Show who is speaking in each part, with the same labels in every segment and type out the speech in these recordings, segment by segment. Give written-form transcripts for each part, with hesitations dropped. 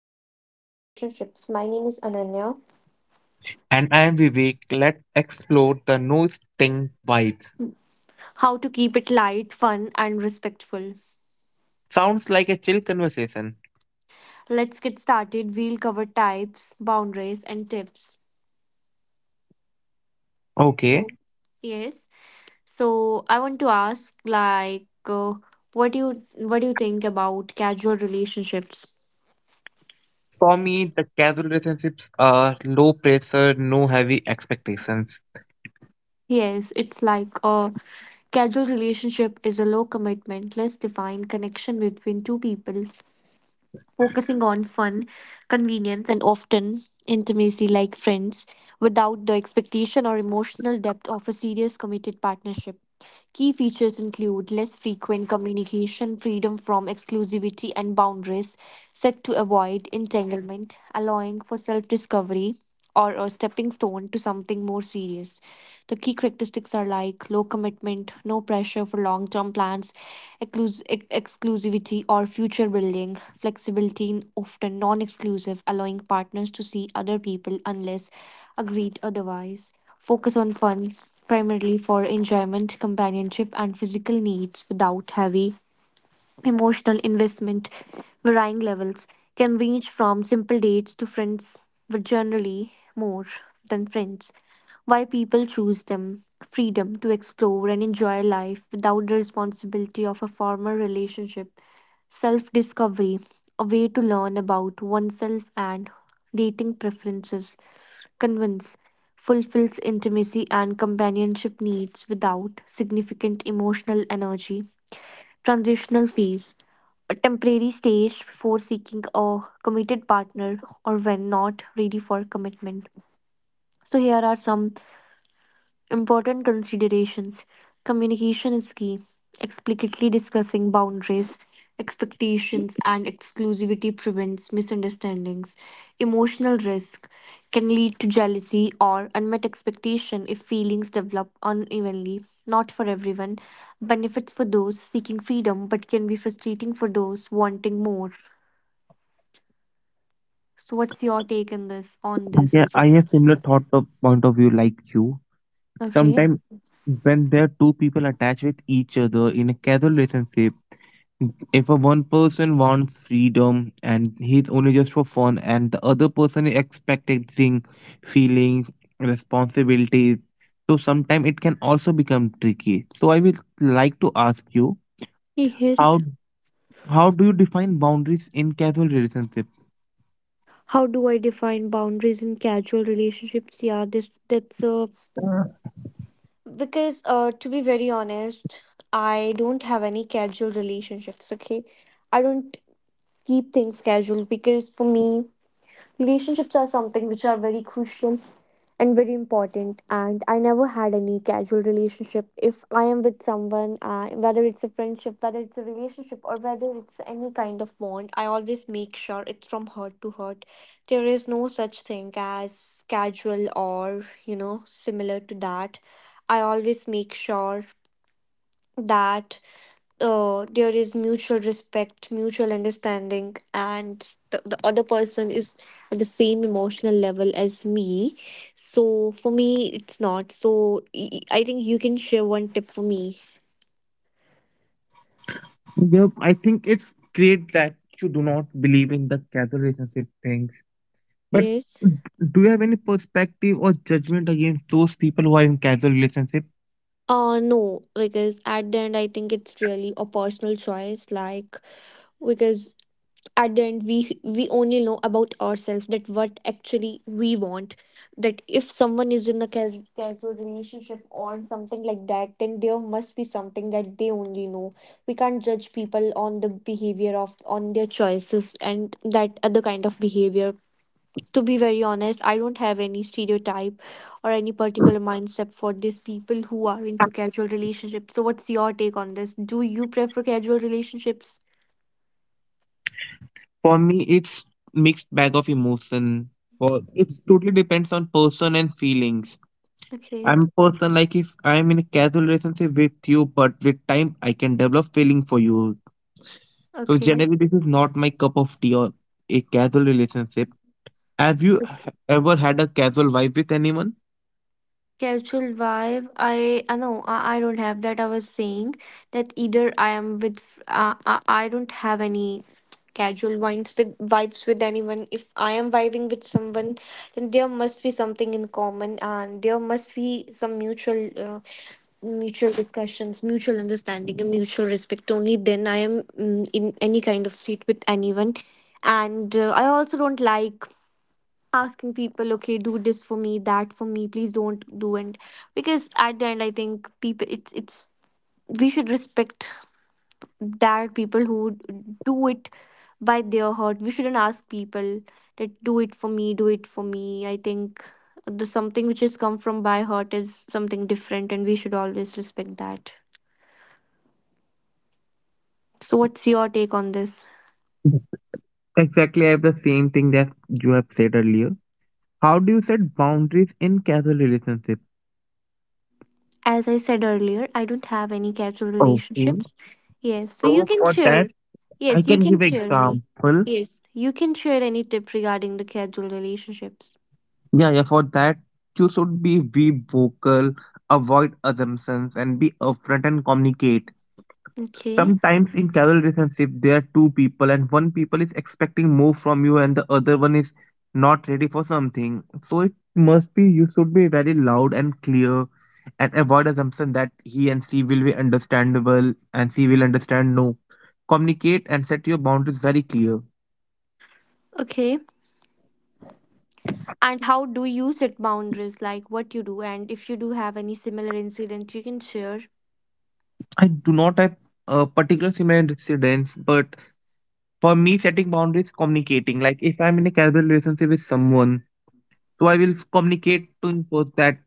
Speaker 1: on casual relationships. My name is Ananya.
Speaker 2: And I am Vivek. Let's explore the no sting vibes.
Speaker 1: How to keep it light, fun, and respectful.
Speaker 2: Sounds like a chill conversation.
Speaker 1: Let's get started. We'll cover types, boundaries, and tips.
Speaker 2: Okay.
Speaker 1: So, yes. So, I want to ask, like, what do you think about casual relationships?
Speaker 2: For me, the casual relationships are low pressure, no heavy expectations.
Speaker 1: Yes, it's like a casual relationship is a low commitment, less defined connection between two people focusing on fun, convenience, and often intimacy like friends without the expectation or emotional depth of a serious committed partnership. Key features include less frequent communication, freedom from exclusivity, and boundaries set to avoid entanglement, allowing for self discovery or a stepping stone to something more serious. The key characteristics are like low commitment, no pressure for long term plans, exclus- ex- exclusivity or future building, flexibility, in often non exclusive, allowing partners to see other people unless agreed otherwise. Focus on fun primarily for enjoyment, companionship, and physical needs without heavy emotional investment. Varying levels can range from simple dates to friends, but generally more than friends. Why people choose them: freedom to explore and enjoy life without the responsibility of a formal relationship. Self discovery, a way to learn about oneself and dating preferences, convince, fulfills intimacy and companionship needs without significant emotional energy. Transitional phase, a temporary stage before seeking a committed partner or when not ready for commitment. So, here are some important considerations. Communication is key. Explicitly discussing boundaries, expectations, and exclusivity prevents misunderstandings. Emotional risk can lead to jealousy or unmet expectation if feelings develop unevenly. Not for everyone. Benefits for those seeking freedom, but can be frustrating for those wanting more. So, what's your take on this? On
Speaker 2: Yeah,
Speaker 1: this?
Speaker 2: I have similar thought of point of view like you.
Speaker 1: Okay.
Speaker 2: Sometimes when there are two people attached with each other in a casual relationship, if a one person wants freedom and he's only just for fun and the other person is expecting feelings, responsibilities, so sometimes it can also become tricky. So I would like to ask you,
Speaker 1: Yes.
Speaker 2: how do you define boundaries in casual relationships?
Speaker 1: How do I define boundaries in casual relationships? Yeah, this that's a
Speaker 2: uh,
Speaker 1: because to be very honest, I don't have any casual relationships, okay? I don't keep things casual, because for me relationships are something which are very crucial and very important. And I never had any casual relationship. If I am with someone, whether it's a friendship, whether it's a relationship, or whether it's any kind of bond, I always make sure it's from heart to heart. There is no such thing as casual or, you know, similar to that. I always make sure that there is mutual respect, mutual understanding, and the other person is at the same emotional level as me. So for me, it's not. So I think you can share one tip for me.
Speaker 2: yeah, I think it's great that you do not believe in the casual relationship things, but
Speaker 1: Yes.
Speaker 2: d- do you have any perspective or judgment against those people who are in casual relationships?
Speaker 1: No, because at the end I think it's really a personal choice. Like, because at the end we only know about ourselves, that what actually we want, that if someone is in a casual relationship or something like that, then there must be something that they only know. We can't judge people on the behavior of, on their choices and that other kind of behavior. To be very honest, I don't have any stereotype or any particular mindset for these people who are into casual relationships. So what's your take on this? Do you prefer casual relationships?
Speaker 2: For me, it's mixed bag of emotion. Well, it totally depends on person and feelings.
Speaker 1: Okay.
Speaker 2: I'm person like if I'm in a casual relationship with you, but with time I can develop feeling for you. So
Speaker 1: Okay.
Speaker 2: generally, this is not my cup of tea or a casual relationship. Have you ever had a casual vibe with anyone?
Speaker 1: Casual vibe. I know I don't have that. I was saying that either I am with I don't have any casual vibes with anyone. If I am vibing with someone, then there must be something in common, and there must be some mutual mutual discussions, mutual understanding, and mutual respect. Only then I am in any kind of state with anyone. And I also don't like asking people, okay, do this for me, that for me, please don't do. And because at the end I think people, it's we should respect that people who do it by their heart. We shouldn't ask people that do it for me, do it for me. I think the something which has come from by heart is something different, and we should always respect that. So what's your take on this?
Speaker 2: Exactly, I have the same thing that you have said earlier. How do you set boundaries in casual relationship?
Speaker 1: As I said earlier, I don't have any casual
Speaker 2: Okay,
Speaker 1: relationships. Yes, so you
Speaker 2: so
Speaker 1: can
Speaker 2: for that,
Speaker 1: share.
Speaker 2: I
Speaker 1: Yes, you
Speaker 2: can
Speaker 1: can
Speaker 2: give
Speaker 1: share any.
Speaker 2: example.
Speaker 1: Yes, you can share any tip regarding the casual relationships.
Speaker 2: Yeah, yeah, for that, you should be vocal, avoid assumptions, and be upfront and communicate.
Speaker 1: Okay.
Speaker 2: Sometimes in casual relationship, there are two people, and one people is expecting more from you, and the other one is not ready for something. So it must be you should be very loud and clear, and avoid assumption that he and she will be understandable and she will understand. No, communicate and set your boundaries very clear.
Speaker 1: Okay. And how do you set boundaries? Like what you do, and if you do have any similar incident, you can share.
Speaker 2: I do not have a particular similar incidents, but for me, setting boundaries, communicating. Like if I'm in a casual relationship with someone, so I will communicate to enforce that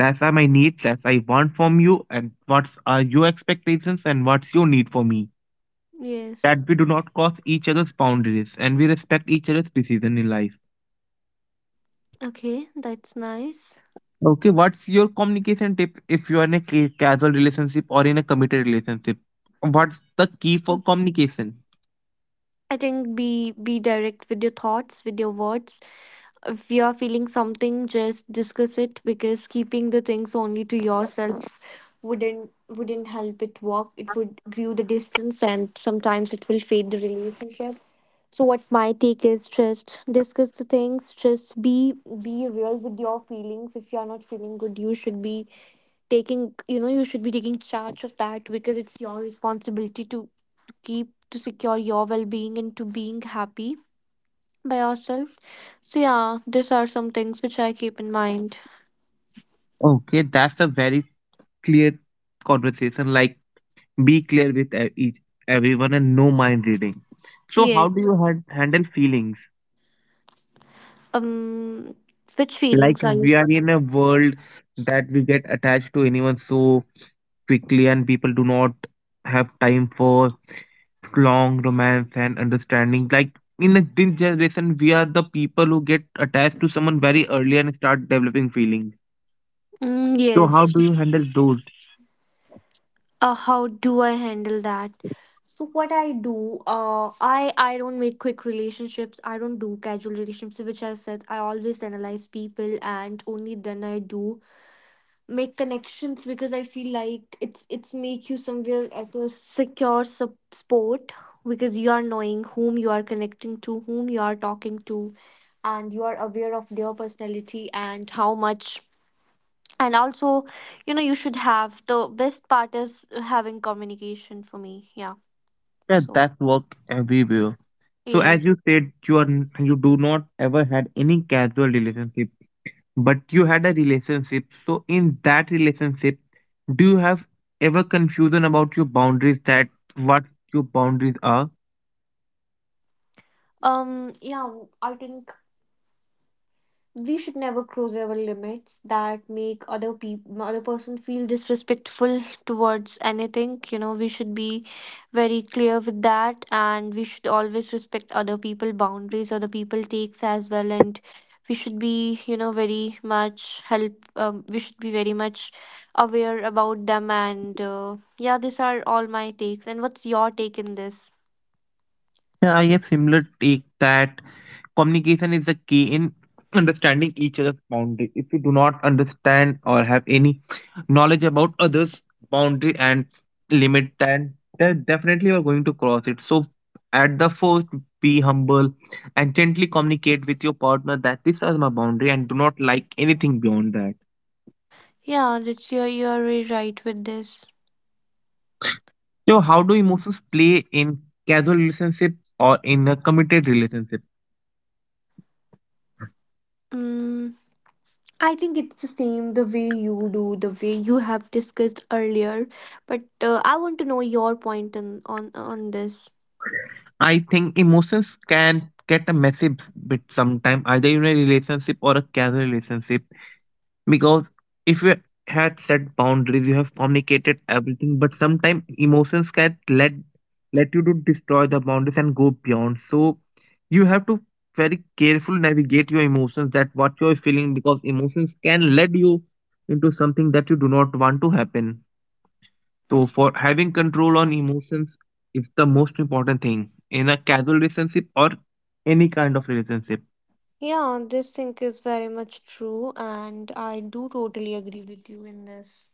Speaker 2: that's are my needs, that's I want from you, and what's are your expectations and what's your need for me.
Speaker 1: Yes.
Speaker 2: That we do not cross each other's boundaries and we respect each other's decision in life.
Speaker 1: Okay, that's nice.
Speaker 2: Okay, what's your communication tip if you are in a casual relationship or in a committed relationship? What's the key
Speaker 1: Mm.
Speaker 2: for communication?
Speaker 1: I think be direct with your thoughts, with your words. If you are feeling something, just discuss it, because keeping the things only to yourself wouldn't help it work. It would grew the distance, and sometimes it will fade the relationship. So what my take is, just discuss the things, just be real with your feelings. If you are not feeling good, you should be taking charge of that, because it's your responsibility to keep to secure your well-being and to being happy by yourself. So yeah, these are some things which I keep in mind.
Speaker 2: Okay, that's a very clear conversation. Like be clear with each everyone and no mind reading. So how do
Speaker 1: Yes.
Speaker 2: you handle feelings?
Speaker 1: Um, which
Speaker 2: Like
Speaker 1: feelings are you?
Speaker 2: we are in a world that we get attached to anyone so quickly, and people do not have time for long romance and understanding. Like in a this generation, we are the people who get attached to someone very early and start developing feelings,
Speaker 1: Mm,
Speaker 2: so how
Speaker 1: yes.
Speaker 2: do you handle those?
Speaker 1: How do I handle that? So what I do, I don't make quick relationships. I don't do casual relationships, which I said, I always analyze people, and only then I do make connections, because I feel like it's make you somewhere at a secure spot, because you are knowing whom you are connecting to, whom you are talking to, and you are aware of their personality and how much. And also, you know, you should have, the best part is having communication for me. Yeah.
Speaker 2: Yeah,
Speaker 1: So
Speaker 2: that's work everywhere. So as
Speaker 1: yes.
Speaker 2: you said, you are you do not ever had any casual relationship, but you had a relationship. So in that relationship, do you have ever confusion about your boundaries, that what your boundaries are?
Speaker 1: Yeah. I think we should never cross our limits that make other person feel disrespectful towards anything. You know, we should be very clear with that, and we should always respect other people boundaries, other people takes as well, and we should be, you know, very much help we should be very much aware about them, and yeah, these are all my takes. And what's your take in this?
Speaker 2: Yeah, I have similar take that communication is the key in understanding each other's boundary. If you do not understand or have any knowledge about others' boundary and limit, then, definitely you are going to cross it. So, at the first, be humble and gently communicate with your partner that this is my boundary and do not like anything beyond that.
Speaker 1: Yeah, that's your, you're very right with this.
Speaker 2: So, how do emotions play in casual relationship or in a committed relationship?
Speaker 1: Mm. I think it's the same, the way you do, the way you have discussed earlier. But I want to know your point on this.
Speaker 2: I think emotions can get a messy bit sometime, either in a relationship or a casual relationship. Because if you had set boundaries, you have communicated everything, but sometimes emotions can let you to destroy the boundaries and go beyond. So you have to very carefully navigate your emotions, that what you're feeling, because emotions can lead you into something that you do not want to happen. So for having control on emotions is the most important thing in a casual relationship or any kind of relationship.
Speaker 1: Yeah, this thing is very much true, and I do totally agree with you in this.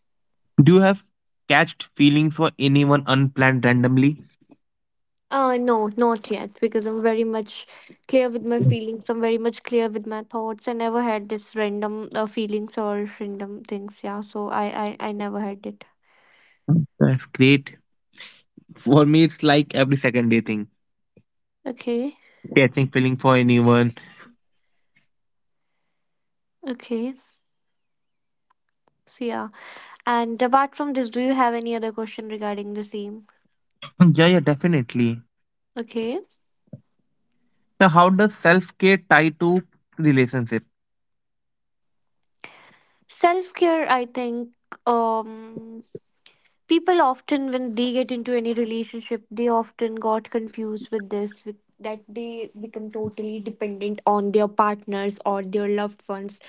Speaker 2: Do you have catched feelings for anyone unplanned randomly?
Speaker 1: No, not yet, because I'm very much clear with my feelings. I'm very much clear with my thoughts. I never had this random feelings or random things. Yeah, so I never had it.
Speaker 2: Mhm. That's great. For me, it's like every second day thing.
Speaker 1: Okay,
Speaker 2: Catching feeling for anyone.
Speaker 1: okay. So yeah. And apart from this, do you have any other question regarding the same?
Speaker 2: Mm, yeah, yeah, definitely.
Speaker 1: Okay.
Speaker 2: So how does self care tie to relationship?
Speaker 1: Self care, I think um, people often, when they get into any relationship, they often got confused that they become totally dependent on their partners or their loved ones,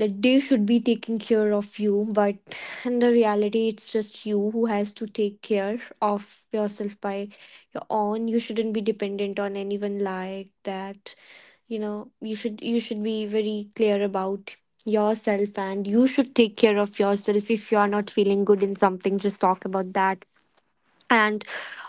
Speaker 1: that they should be taking care of you. But in the reality, it's just you who has to take care of yourself by your own. You shouldn't be dependent on anyone like that. You know, you should, you should be very clear about yourself, and you should take care of yourself. If you are not feeling good in something, just talk about that. And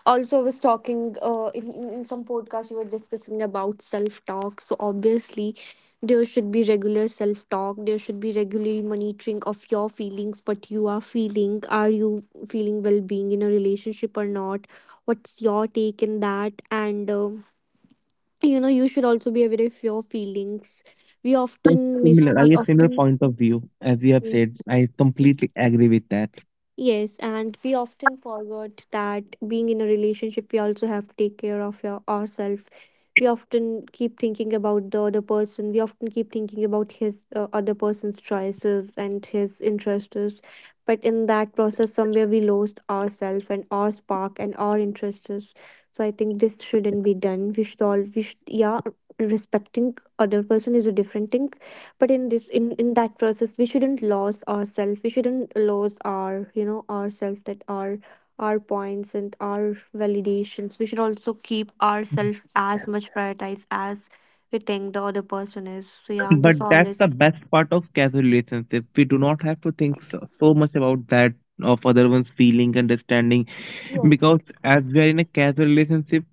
Speaker 1: also, I was talking in some podcast you were discussing about self talk, so obviously there should be regular self talk, there should be regular monitoring of your feelings. What you are feeling, are you feeling well being in a relationship or not? What's your take in that? And you should also be aware of your feelings. we
Speaker 2: That's
Speaker 1: often miss
Speaker 2: similar. I
Speaker 1: we
Speaker 2: have similar
Speaker 1: often
Speaker 2: point of view as you have
Speaker 1: Yes.
Speaker 2: said. I completely agree with that.
Speaker 1: Yes, and we often forget that being in a relationship, we also have to take care of your ourselves. We often keep thinking about the other person. We often keep thinking about his other person's choices and his interests. But in that process, somewhere we lost ourselves and our spark and our interests. So I think this shouldn't be done. We should, yeah, respecting other person is a different thing, but in this in that process we shouldn't lose ourselves, we shouldn't lose ourselves, that our points and our validations, we should also keep ourselves as much prioritized as we think the other person is. So yeah, and
Speaker 2: But that's the
Speaker 1: dishonest.
Speaker 2: best part of casual relationship. We do not have to think so, much about that of other one's feeling, understanding,
Speaker 1: Yes.
Speaker 2: because as we are in a casual relationship,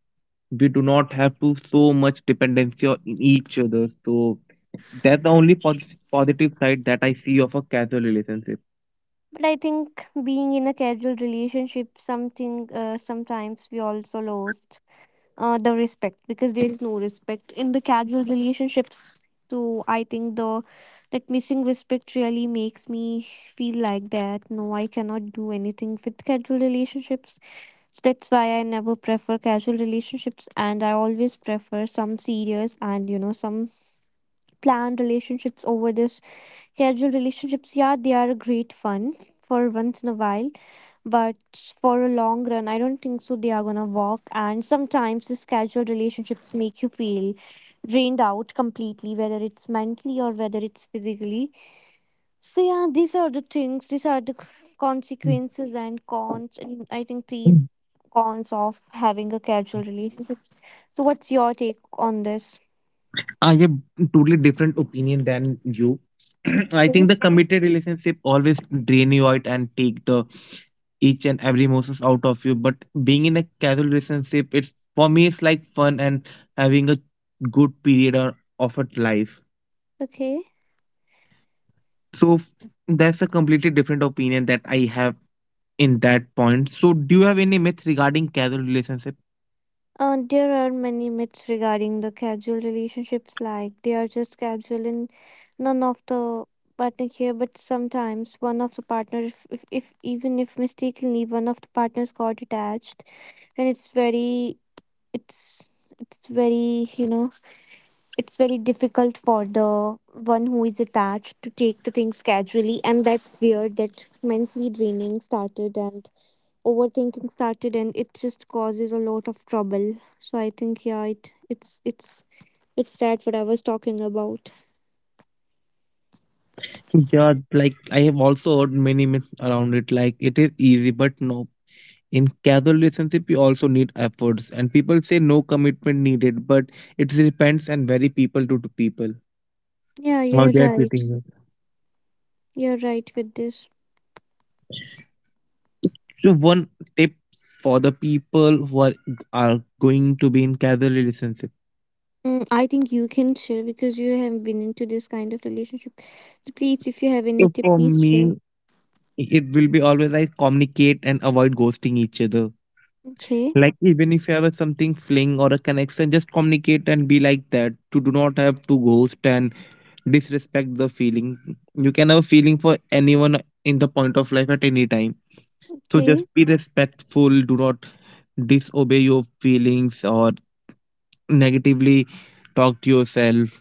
Speaker 2: we do not have to so much dependency on each other. So that's the only positive side that I see of a casual relationship.
Speaker 1: But I think being in a casual relationship, something sometimes we also lost the respect, because there is no respect in the casual relationships. So I think the that missing respect really makes me feel like that. No, I cannot do anything with casual relationships. So that's why I never prefer casual relationships, and I always prefer some serious and some planned relationships over this casual relationships. Yeah, they are a great fun for once in a while but for a long run I don't think so they are going to work. And sometimes the casual relationships make you feel drained out completely, whether it's mentally or whether it's physically. So yeah, these are the consequences and cons, and I think these cons of having a casual relationship. So what's your take on this?
Speaker 2: I have totally different opinion than you. I
Speaker 1: Okay,
Speaker 2: think the committed relationship always drain you out and take the each and every emotions out of you. But being in a casual relationship, it's for me it's like fun and having a good period of a life.
Speaker 1: okay.
Speaker 2: So f- that's a completely different opinion that I have in that point. So do you have any myth regarding casual relationship?
Speaker 1: There are many myths regarding the casual relationships, like they are just casual and none of the partner care. But sometimes one of the partner, if even if mistakenly one of the partners got attached, and it's it's very it's very difficult for the one who is attached to take the things casually, and that's where that mentally draining started and overthinking started, and it just causes a lot of trouble. So I think yeah, it it's that what I was talking about.
Speaker 2: Yeah, like I have also heard many myths around it. Like it is easy, but no, in casual relationship, you also need efforts, and people say no commitment needed, but it depends and very people to people
Speaker 1: Yeah,
Speaker 2: how
Speaker 1: you're
Speaker 2: they are
Speaker 1: right.
Speaker 2: treating you.
Speaker 1: You're right with this.
Speaker 2: So one tip for the people who are going to be in casual relationship.
Speaker 1: Mm, I think you can share because you have been into this kind of relationship. So please, if you have
Speaker 2: So
Speaker 1: any tip,
Speaker 2: for
Speaker 1: please share.
Speaker 2: me, it will be always like communicate and avoid ghosting each other.
Speaker 1: Okay,
Speaker 2: Like even if you have a something fling or a connection, just communicate and be like that. To do not have to ghost and disrespect the feeling. You can have a feeling for anyone in the point of life at any time. So just
Speaker 1: okay,
Speaker 2: be respectful. Do not disobey your feelings or negatively talk to yourself.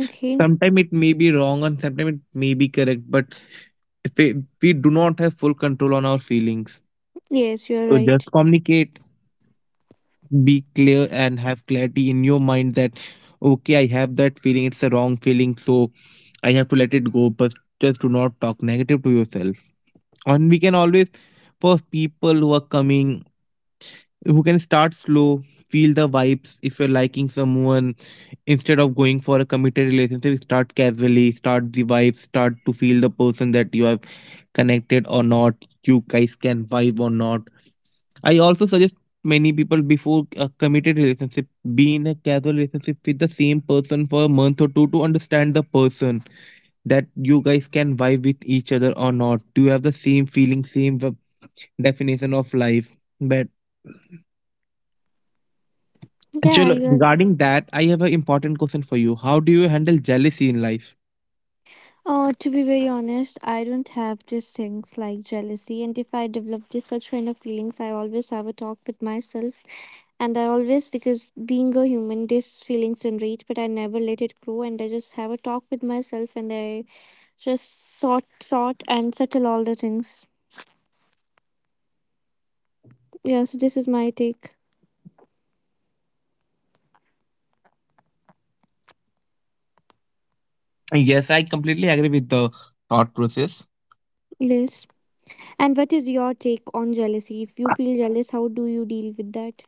Speaker 1: okay.
Speaker 2: Sometimes it may be wrong and sometimes it may be correct, but if we, we do not have full control on our feelings.
Speaker 1: Yes, you're
Speaker 2: So just
Speaker 1: right.
Speaker 2: communicate, be clear, and have clarity in your mind that okay, I have that feeling. It's a wrong feeling, so I have to let it go. But just do not talk negative to yourself. And we can always, for people who are coming, who can start slow, feel the vibes. If you're liking someone, instead of going for a committed relationship, start casually, start the vibes, start to feel the person, that you have connected or not, you guys can vibe or not. I also suggest many people before a committed relationship, be in a casual relationship with the same person for a month or two to understand the person, that you guys can vibe with each other or not, do you have the same feeling, same definition of life. But
Speaker 1: Yeah,
Speaker 2: Chalo,
Speaker 1: you're.
Speaker 2: regarding that, I have an important question for you. How do you handle jealousy in life?
Speaker 1: To be very honest, I don't have these things like jealousy, and if I develop this such kind of feelings, I always have a talk with myself. And I always, because being a human these feelings generate, but I never let it grow, and I just have a talk with myself and I just sort and settle all the things. Yeah, so this is my take.
Speaker 2: Yes, I completely agree with the thought process.
Speaker 1: Yes. And what is your take on jealousy? If you feel jealous, how do you deal with that?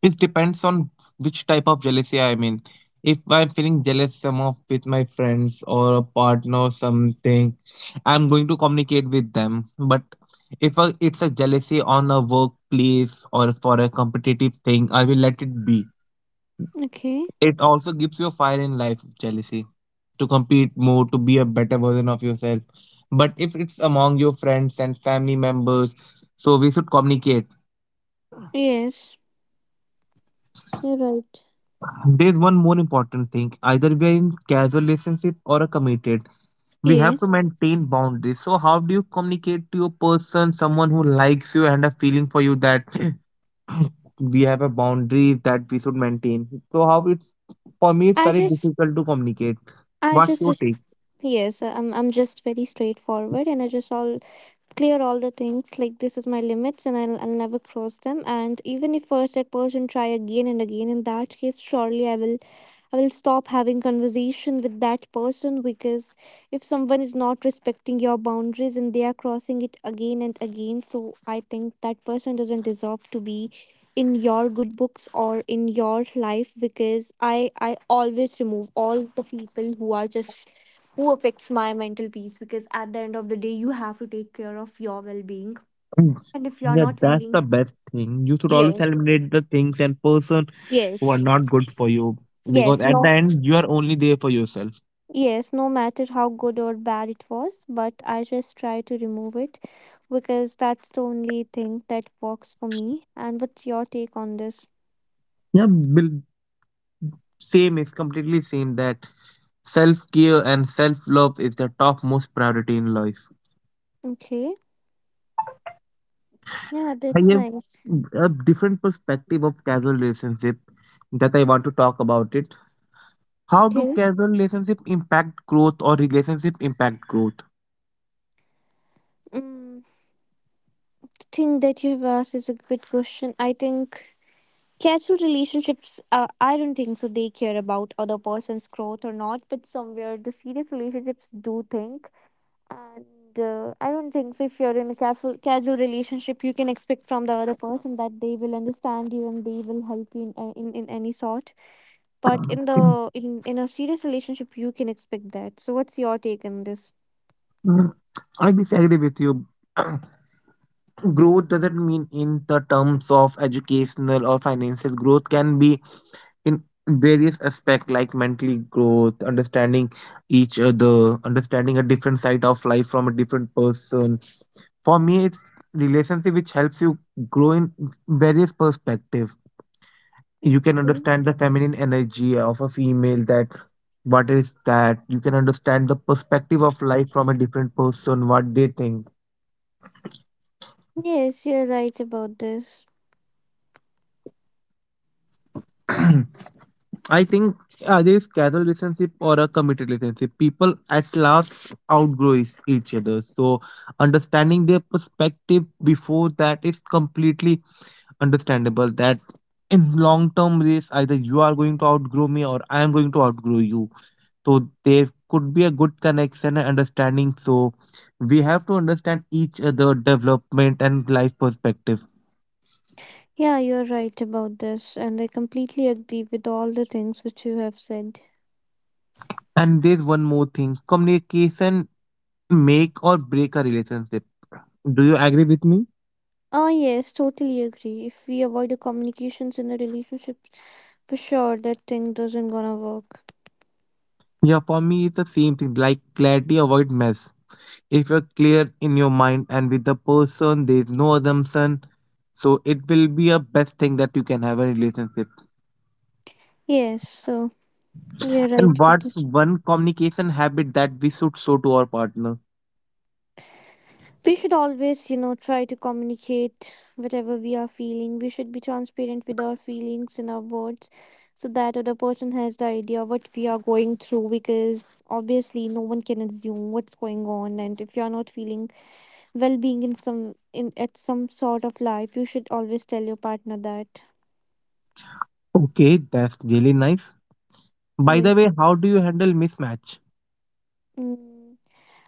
Speaker 2: It depends on which type of jealousy I mean, if I'm feeling jealous some of with my friends or a partner or something, I'm going to communicate with them. But if it's a jealousy on a workplace or for a competitive thing, I will let it be.
Speaker 1: Okay.
Speaker 2: It also gives you a fire in life, jealousy, to compete more, to be a better version of yourself. But if it's among your friends and family members, so we should communicate.
Speaker 1: Yes. You're right.
Speaker 2: There's one more important thing. Either we are in casual relationship or a committed. We have to
Speaker 1: Yes.
Speaker 2: maintain boundaries. So how do you communicate to your person, someone who likes you and a feeling for you that we have a boundary that we should maintain? So how it's for me it's
Speaker 1: I
Speaker 2: very
Speaker 1: just
Speaker 2: difficult to communicate.
Speaker 1: I
Speaker 2: What's
Speaker 1: just
Speaker 2: your
Speaker 1: res-
Speaker 2: take?
Speaker 1: yes, I'm just very straightforward, and I just all clear all the things, like this is my limits and I'll never cross them. And even if first that person try again and again, in that case surely I will, I will stop having conversation with that person. Because if someone is not respecting your boundaries and they are crossing it again and again, so I think that person doesn't deserve to be in your good books or in your life, because I always remove all the people who are just who affects my mental peace, because at the end of the day you have to take care of your well-being.
Speaker 2: Mm.
Speaker 1: And if you're
Speaker 2: Yeah,
Speaker 1: not
Speaker 2: that's
Speaker 1: feeling.
Speaker 2: the best thing. You should always
Speaker 1: Yes,
Speaker 2: eliminate the things and person who are
Speaker 1: yes.
Speaker 2: not good for you,
Speaker 1: Yes,
Speaker 2: because at the
Speaker 1: no,
Speaker 2: end you are only there for yourself.
Speaker 1: yes, no matter how good or bad it was, but I just try to remove it because that's the only thing that works for me. And what's your take on this?
Speaker 2: Yeah, Bill, same. It's completely same that self care and self love is the topmost priority in life.
Speaker 1: Okay, yeah,
Speaker 2: I
Speaker 1: that's
Speaker 2: have
Speaker 1: nice.
Speaker 2: a different perspective of casual relationship that I want to talk about it. How do
Speaker 1: Okay,
Speaker 2: casual relationship impact growth or relationship impact growth?
Speaker 1: mm, the thing that you've asked is a good question. I think casual relationships, I don't think so they care about other person's growth or not, but somewhere the serious relationships do think. And I don't think so if you're in a casual relationship you can expect from the other person that they will understand you and they will help you in any sort. But in a serious relationship you can expect that. So what's your take on this?
Speaker 2: Mm. I disagree with you. Growth doesn't mean in the terms of educational or financial. Growth can be in various aspects, like mental growth, understanding each other, understanding a different side of life from a different person. For me, it's relationship which helps you grow in various perspective. You can
Speaker 1: Okay.
Speaker 2: understand the feminine energy of a female, that what is that. You can understand the perspective of life from a different person, what they think.
Speaker 1: Yes, you're right about this.
Speaker 2: I think either it's casual relationship or a committed relationship, people at last each other. So understanding their perspective before that is completely understandable. That in long term race, either you are going to outgrow me or I am going to outgrow you. So there could be a good connection and understanding. So we have to understand each other development and life perspective.
Speaker 1: Yeah, you're right about this, and I completely agree with all the things which you have said.
Speaker 2: And there's one more thing. Communication make or break a relationship. Do you agree with me?
Speaker 1: Ah, yes, totally agree. If we avoid the communications in a relationship, for sure that thing doesn't gonna work.
Speaker 2: Yeah, for me, it's the same thing like clarity avoid mess. If you're clear in your mind and with the person, there's no assumption. So it will be a best thing that you can have a relationship.
Speaker 1: Yes, so we're
Speaker 2: And
Speaker 1: right with
Speaker 2: what's
Speaker 1: this.
Speaker 2: one communication habit that we should show to our partner?
Speaker 1: We should always, you know, try to communicate whatever we are feeling. We should be transparent with our feelings and our words so that other person has the idea what we are going through, because obviously no one can assume what's going on. And if you are not feeling well being in some, in at some sort of life, you should always tell your partner that.
Speaker 2: Okay, that's really nice. By
Speaker 1: Yes.
Speaker 2: the way, how do you handle mismatch?
Speaker 1: Mm.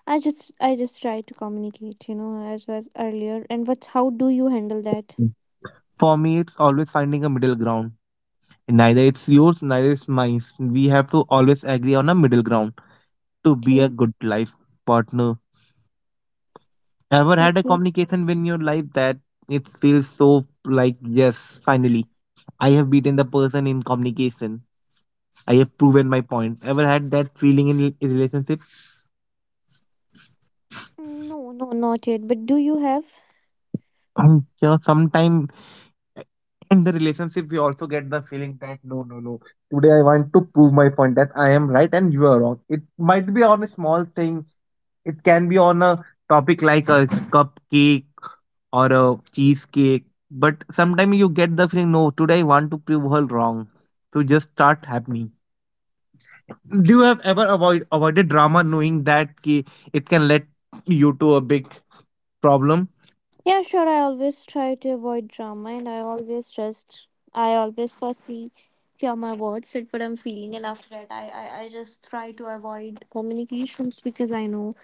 Speaker 1: I just try to communicate, you know, as was earlier. And what, how do you handle that?
Speaker 2: For me, it's always finding a middle ground. Neither it's yours, neither it's mine. We have to always agree on a middle ground to be a
Speaker 1: Okay.
Speaker 2: good life partner. Ever had a
Speaker 1: Okay.
Speaker 2: communication in your life that it feels so like, yes, finally, I have beaten the person in communication. I have proven my point. Ever had that feeling in a relationship?
Speaker 1: No, no, not yet. But do you have?
Speaker 2: I'm sure sometime in the relationship we also get the feeling that no, no, no, today I want to prove my point that I am right and you are wrong. It might be on a small thing. It can be on a topic like a cupcake or a cheesecake, but sometimes you get the feeling no, today I want to prove her wrong. So just start happening. Do you have ever avoided drama knowing that ki, it can lead you to a big problem?
Speaker 1: Yeah, sure. I always try to avoid drama and I always just I always firstly hear my words, said what I'm feeling, and after that I just try to avoid communications, because I know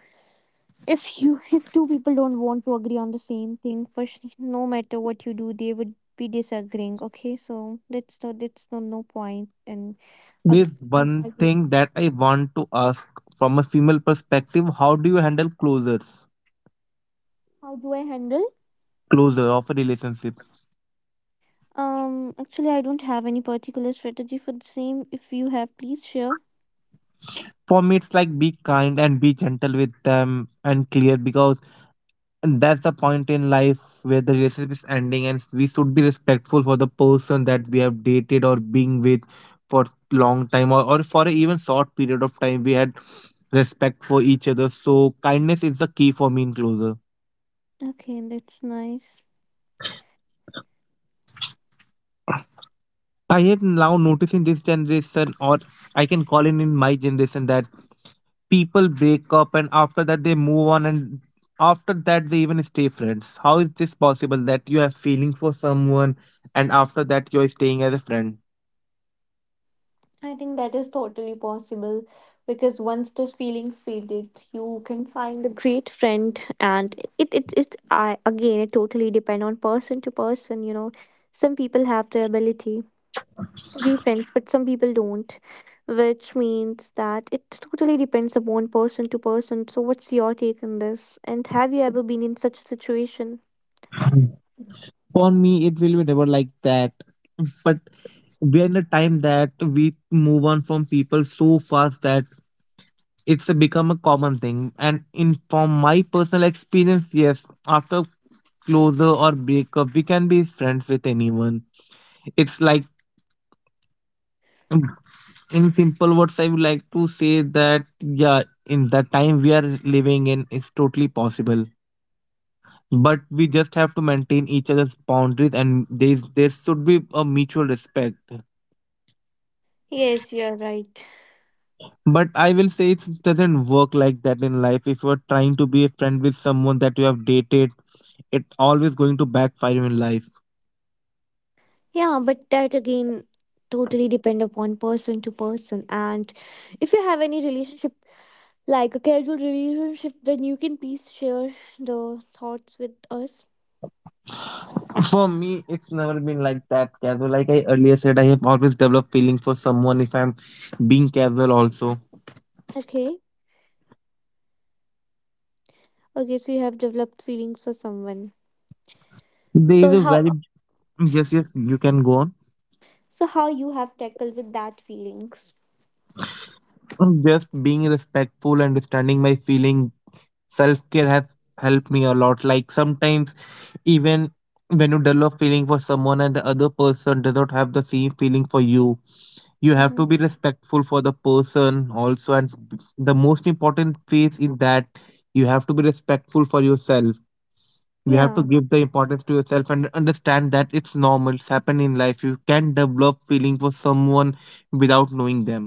Speaker 1: if you, if two people don't want to agree on the same thing, for sh- no matter what you do they would be disagreeing. Okay, so that's no, that's no, no point. And ag-
Speaker 2: There's
Speaker 1: mm,
Speaker 2: one
Speaker 1: argue.
Speaker 2: thing that I want to ask from a female perspective. How do you handle closures?
Speaker 1: How do I handle?
Speaker 2: Closure of a relationship.
Speaker 1: Actually, I don't have any particular strategy for the same. If you have, please share.
Speaker 2: For me, it's like be kind and be gentle with them and clear, because that's the point in life where the relationship is ending and we should be respectful for the person that we have dated or being with for long time or for a even short period of time. We had respect for each other. So kindness is the key for me in closure.
Speaker 1: Okay, that's nice.
Speaker 2: I have now noticed in this generation, or I can call it in my generation, that people break up and after that they move on and after that they even stay friends. How is this possible that you have feeling for someone and after that you're staying as a friend?
Speaker 1: I think that is totally possible, because once those feelings faded, you can find a great friend. And it, I again, it totally depend on person to person. You know, some people have the ability to be friends, but some people don't, which means that it totally depends upon person to person. So, what's your take on this? And have you ever been in such a situation?
Speaker 2: For me, it will be never like that. But we're in a time that we move on from people so fast that it's a become a common thing. And in from my personal experience, yes, after closer or break up we can be friends with anyone. It's like um, in simple words I would like to say that yeah, in the time we are living in, it's totally possible, but we just have to maintain each other's boundaries and there should be a mutual respect.
Speaker 1: Yes, you're right.
Speaker 2: But I will say it doesn't work like that in life. If you're trying to be a friend with someone that you have dated, it's always going to backfire in life.
Speaker 1: Yeah, but that again totally depend upon person to person. And if you have any relationship, like a casual relationship, then you can please share the thoughts with us.
Speaker 2: For me, it's never been like that casual. Like I earlier said, I have always developed feeling for someone if I'm being casual also.
Speaker 1: Okay. Okay, so you have developed feelings for someone.
Speaker 2: There is
Speaker 1: So
Speaker 2: a
Speaker 1: how
Speaker 2: very yes, yes, you can go on.
Speaker 1: so how you have tackled with that feelings?
Speaker 2: Just being respectful, understanding my feeling, self care have helped me a lot. Like sometimes even when you develop feeling for someone and the other person does not have the same feeling for you, you have to
Speaker 1: Mm-hmm.
Speaker 2: be respectful for the person also. And the most important phase is that you have to be respectful for yourself. You have to
Speaker 1: Yeah.
Speaker 2: give the importance to yourself and understand that it's normal. It's happened in life. You can develop feeling for someone without knowing them.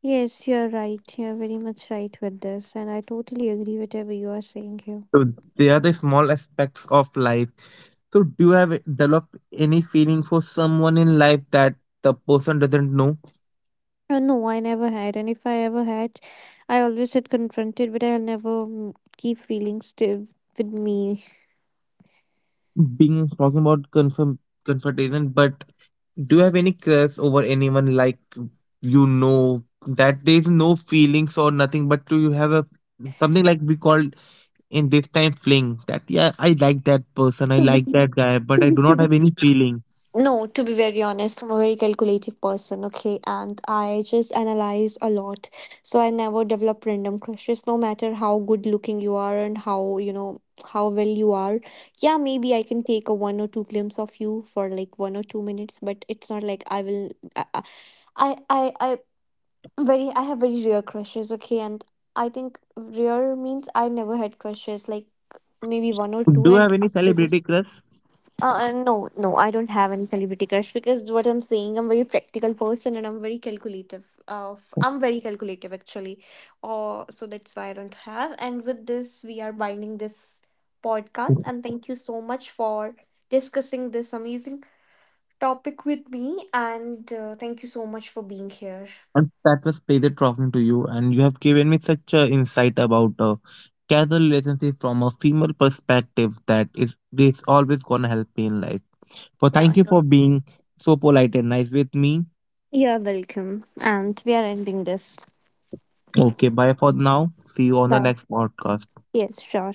Speaker 1: Yes, you're right. You're very much right with this, and I totally agree whatever you are saying here.
Speaker 2: So they are the small aspects of life. So do you have developed any feeling for someone in life that the person doesn't know?
Speaker 1: No, I never had, and if I ever had, I always had confronted, but I'll never, mm, keep feelings still with me.
Speaker 2: Being talking about confirm confrontation, but do you have any crush over anyone, like you know that there's no feelings or nothing, but do you have a something like we call in this time fling that yeah, I like that person, I
Speaker 1: To be,
Speaker 2: like that guy, but
Speaker 1: to
Speaker 2: I
Speaker 1: be,
Speaker 2: do
Speaker 1: to
Speaker 2: not
Speaker 1: be.
Speaker 2: have any feeling?
Speaker 1: No, to be very honest, I'm a very calculative person, okay, and I just analyze a lot. So I never develop random crushes, no matter how good looking you are and how, you know, how well you are. Yeah, maybe I can take a one or two glimpse of you for like 1 or 2 minutes, but it's not like I will I Very, I have very rare crushes, okay, and I think rare means I never had crushes, like maybe one or two,
Speaker 2: Do you
Speaker 1: and
Speaker 2: have any
Speaker 1: after this,
Speaker 2: celebrity crush?
Speaker 1: no, no, I don't have any celebrity crush. Because what I'm saying, I'm very practical person and I'm very calculative. I'm very calculative actually, so that's why I don't have. And with this, we are binding this podcast, and thank you so much for discussing this amazing topic with me, and thank you so much for being here.
Speaker 2: And that was pleasure talking to you, and you have given me such a insight about a casual relationship from a female perspective that it is always gonna help me in life. So
Speaker 1: Yeah.
Speaker 2: thank you for being so polite and nice with me.
Speaker 1: You're welcome. And we are ending this.
Speaker 2: Okay, bye for now, see you on the
Speaker 1: Bye.
Speaker 2: next podcast.
Speaker 1: Yes, sure.